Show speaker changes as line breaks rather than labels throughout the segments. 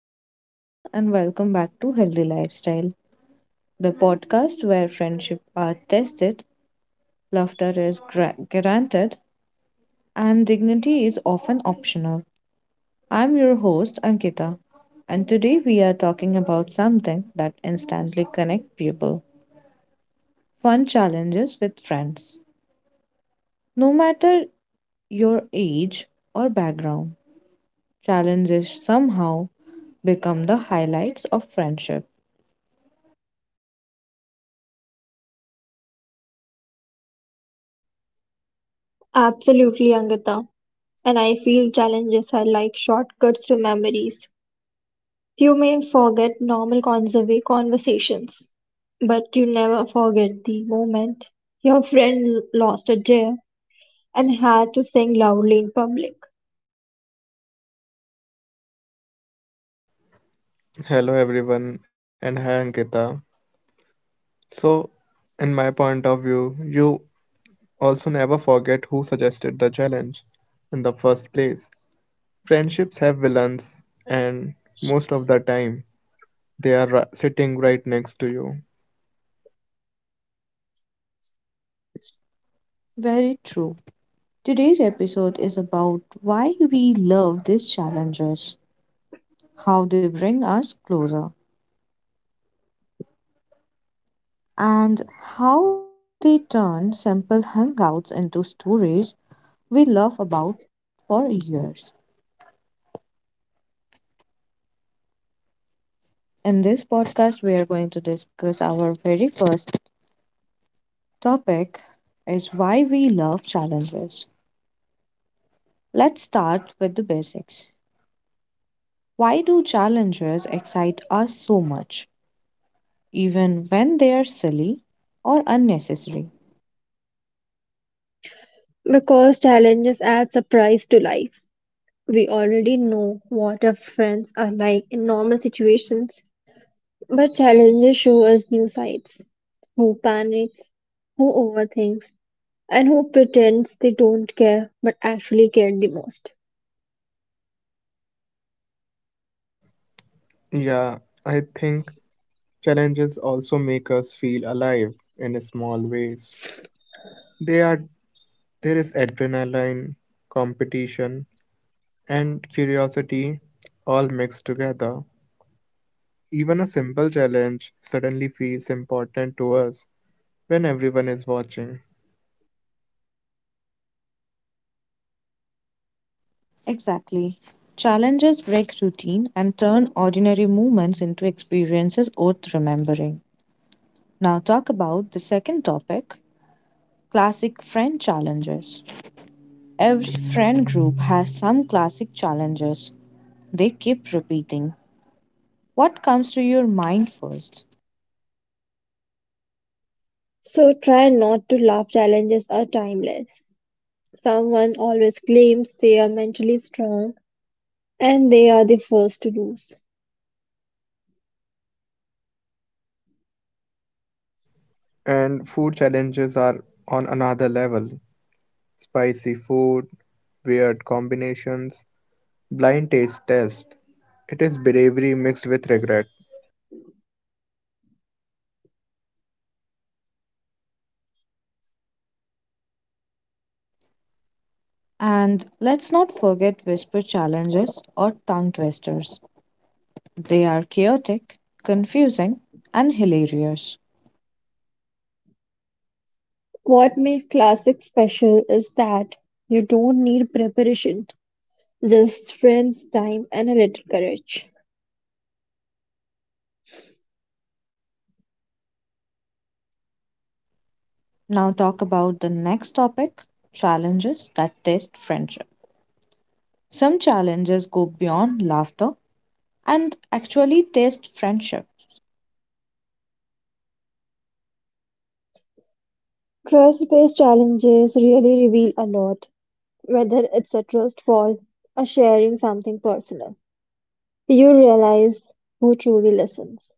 Hello, everyone, and welcome back to Healthy Lifestyle, the podcast where friendship are tested, laughter is granted, and dignity is often optional. I'm your host, Ankita, and today we are talking about something that instantly connects people fun challenges with friends. No matter your age or background, challenges somehow become the highlights of friendship.
Absolutely, Angita. And I feel challenges are like shortcuts to memories. You may forget normal conversations, but you never forget the moment your friend lost a deer and had to sing loudly in public.
Hello everyone and hi Ankita. So, in my point of view, you also never forget who suggested the challenge in the first place. Friendships have villains, and most of the time, they are sitting right next to you.
Very true. Today's episode is about why we love these challenges, how they bring us closer, and how they turn simple hangouts into stories we love about for years. In this podcast, we are going to discuss our very first topic is why we love challenges. Let's start with the basics. Why do challenges excite us so much, even when they are silly or unnecessary?
Because challenges add surprise to life. We already know what our friends are like in normal situations, but challenges show us new sides. Who panics, who overthinks, and who pretends they don't care but actually cared the most.
Yeah, I think challenges also make us feel alive in small ways. They are There is adrenaline, competition, and curiosity all mixed together. Even a simple challenge suddenly feels important to us when everyone is watching.
Exactly. Challenges break routine and turn ordinary moments into experiences worth remembering. Now, talk about the second topic classic friend challenges. Every friend group has some classic challenges they keep repeating. What comes to your mind first?
So try not to laugh challenges are timeless. Someone always claims they are mentally strong and they are the first to lose.
And food challenges are on another level: spicy food, weird combinations, blind taste test. It is bravery mixed with regret.
And let's not forget whisper challenges or tongue twisters. They are chaotic, confusing, and hilarious.
What makes classic special is that you don't need preparation, just friends, time, and a little courage.
Now, talk about the next topic challenges that test friendship. Some challenges go beyond laughter and actually test friendship,
Trust based challenges really reveal a lot, whether it's a trust fall or sharing something personal. You realize who truly listens.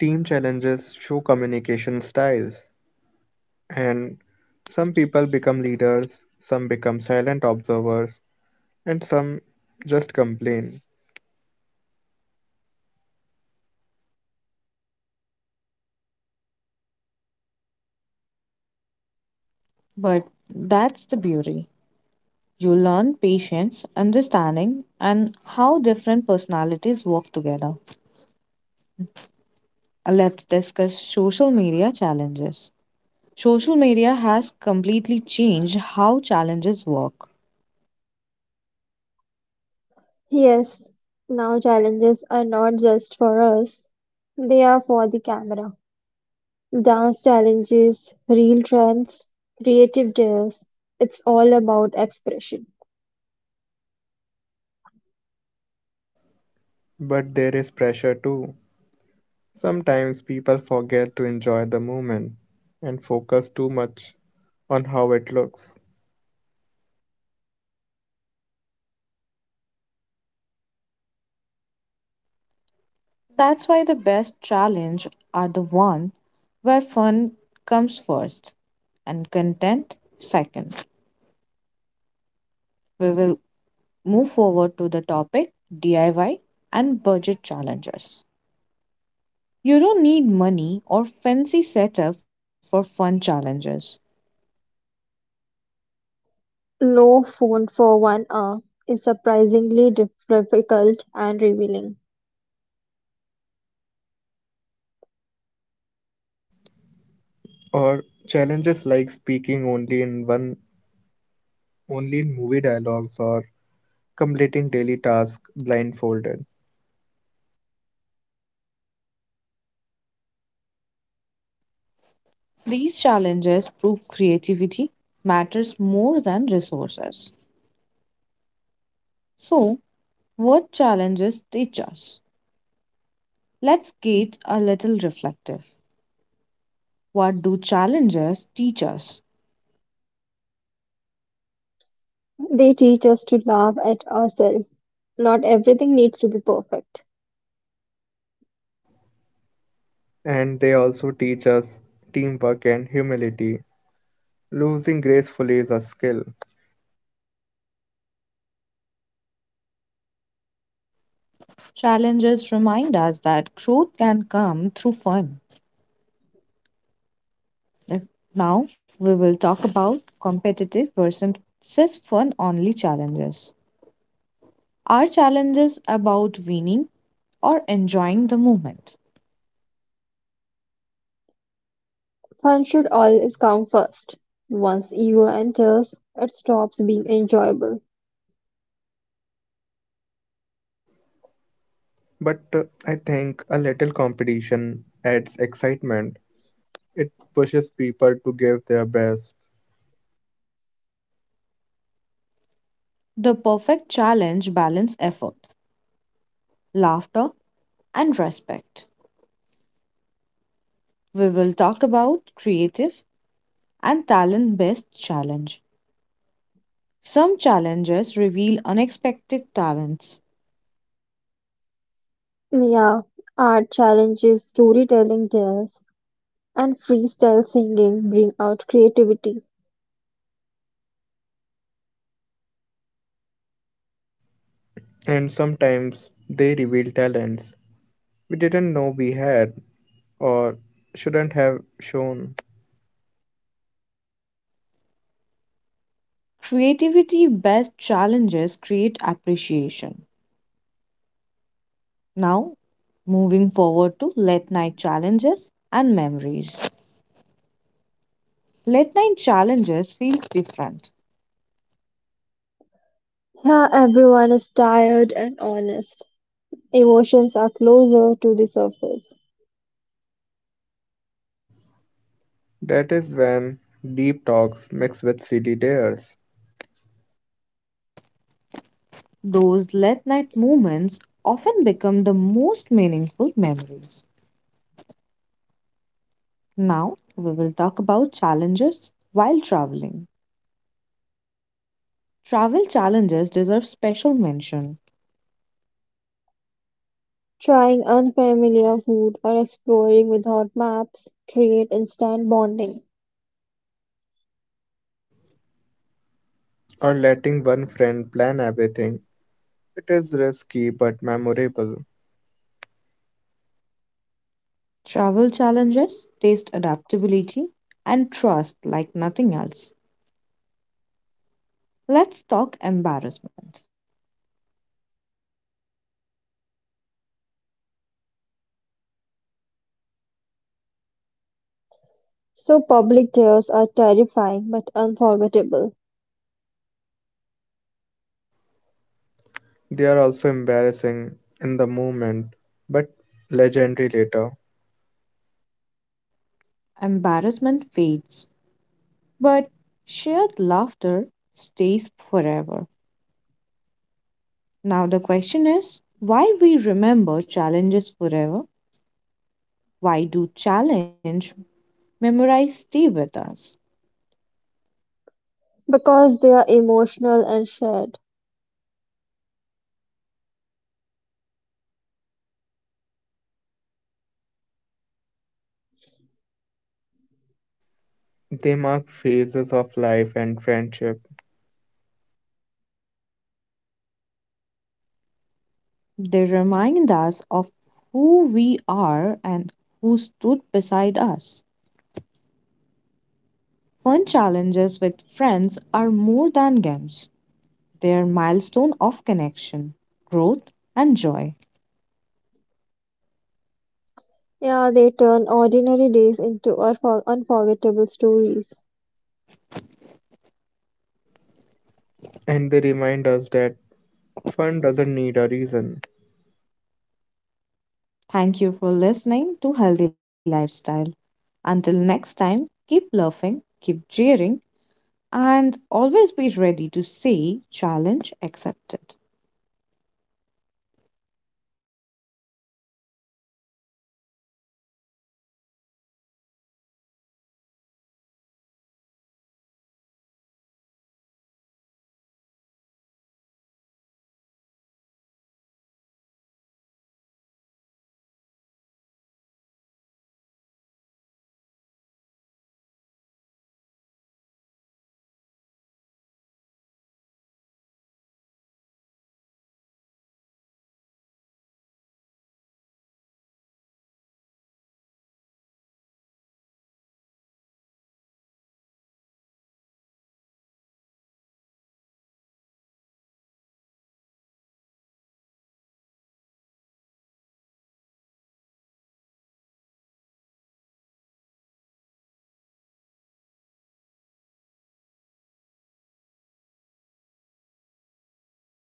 Team challenges show communication styles, and some people become leaders, some become silent observers, and some just complain.
but that's the beauty. You learn patience, understanding, and how different personalities work together. Let's discuss social media challenges. Social media has completely changed how challenges work.
Yes, now challenges are not just for us, they are for the camera. Dance challenges, reel trends, creative dares, it's all about expression.
But there is pressure too. Sometimes people forget to enjoy the moment and focus too much on how it looks.
That's why the best challenge are the one where fun comes first and content second. We will move forward to the topic DIY and budget challenges. You don't need money or fancy setup for fun challenges.
No phone for 1 hour is surprisingly difficult and revealing.
Or challenges like speaking only in one only in movie dialogues or completing daily tasks blindfolded.
These challenges prove creativity matters more than resources. So, what challenges teach us? Let's get a little reflective. What do challenges teach us?
They teach us to laugh at ourselves. Not everything needs to be perfect.
And they also teach us teamwork and humility. Losing gracefully is a skill,
Challenges remind us that growth can come through fun. If- Now we will talk about competitive versus fun only challenges. Are challenges about winning or enjoying the moment?
Fun should always come first. Once ego enters, it stops being enjoyable.
but I think a little competition adds excitement. It pushes people to give their best,
The perfect challenge balance effort, laughter, and respect. We will talk about creative and talent based challenge. Some challenges reveal unexpected talents.
Yeah, art challenges, storytelling tells, and freestyle singing bring out creativity.
and sometimes they reveal talents we didn't know we had or shouldn't have shown.
Creativity based challenges create appreciation. Now, moving forward to late night challenges and memories. Late night challenges feels different.
Here, everyone is tired and honest. Emotions are closer to the surface.
That is when deep talks mix with silly dares
Those late night moments often become the most meaningful memories. Now, we will talk about challenges while traveling. Travel challenges deserve special mention.
Trying unfamiliar food or exploring without maps create instant bonding.
or letting one friend plan everything. It is risky but memorable.
Travel challenges taste adaptability and trust like nothing else. Let's talk embarrassment.
So, public tears are terrifying but unforgettable
They are also embarrassing in the moment but legendary later.
Embarrassment fades, but shared laughter stays forever. Now, the question is why we remember challenges forever? Why do challenge memories stay with us?
because they are emotional and shared.
They mark phases of life and friendship,
They remind us of who we are and who stood beside us. Fun challenges with friends are more than games, they are milestone of connection, growth, and joy.
Yeah, they turn ordinary days into unforgettable stories.
and they remind us that fun doesn't need a reason.
Thank you for listening to Healthy Lifestyle. Until next time, keep laughing, keep jeering, and always be ready to say challenge accepted.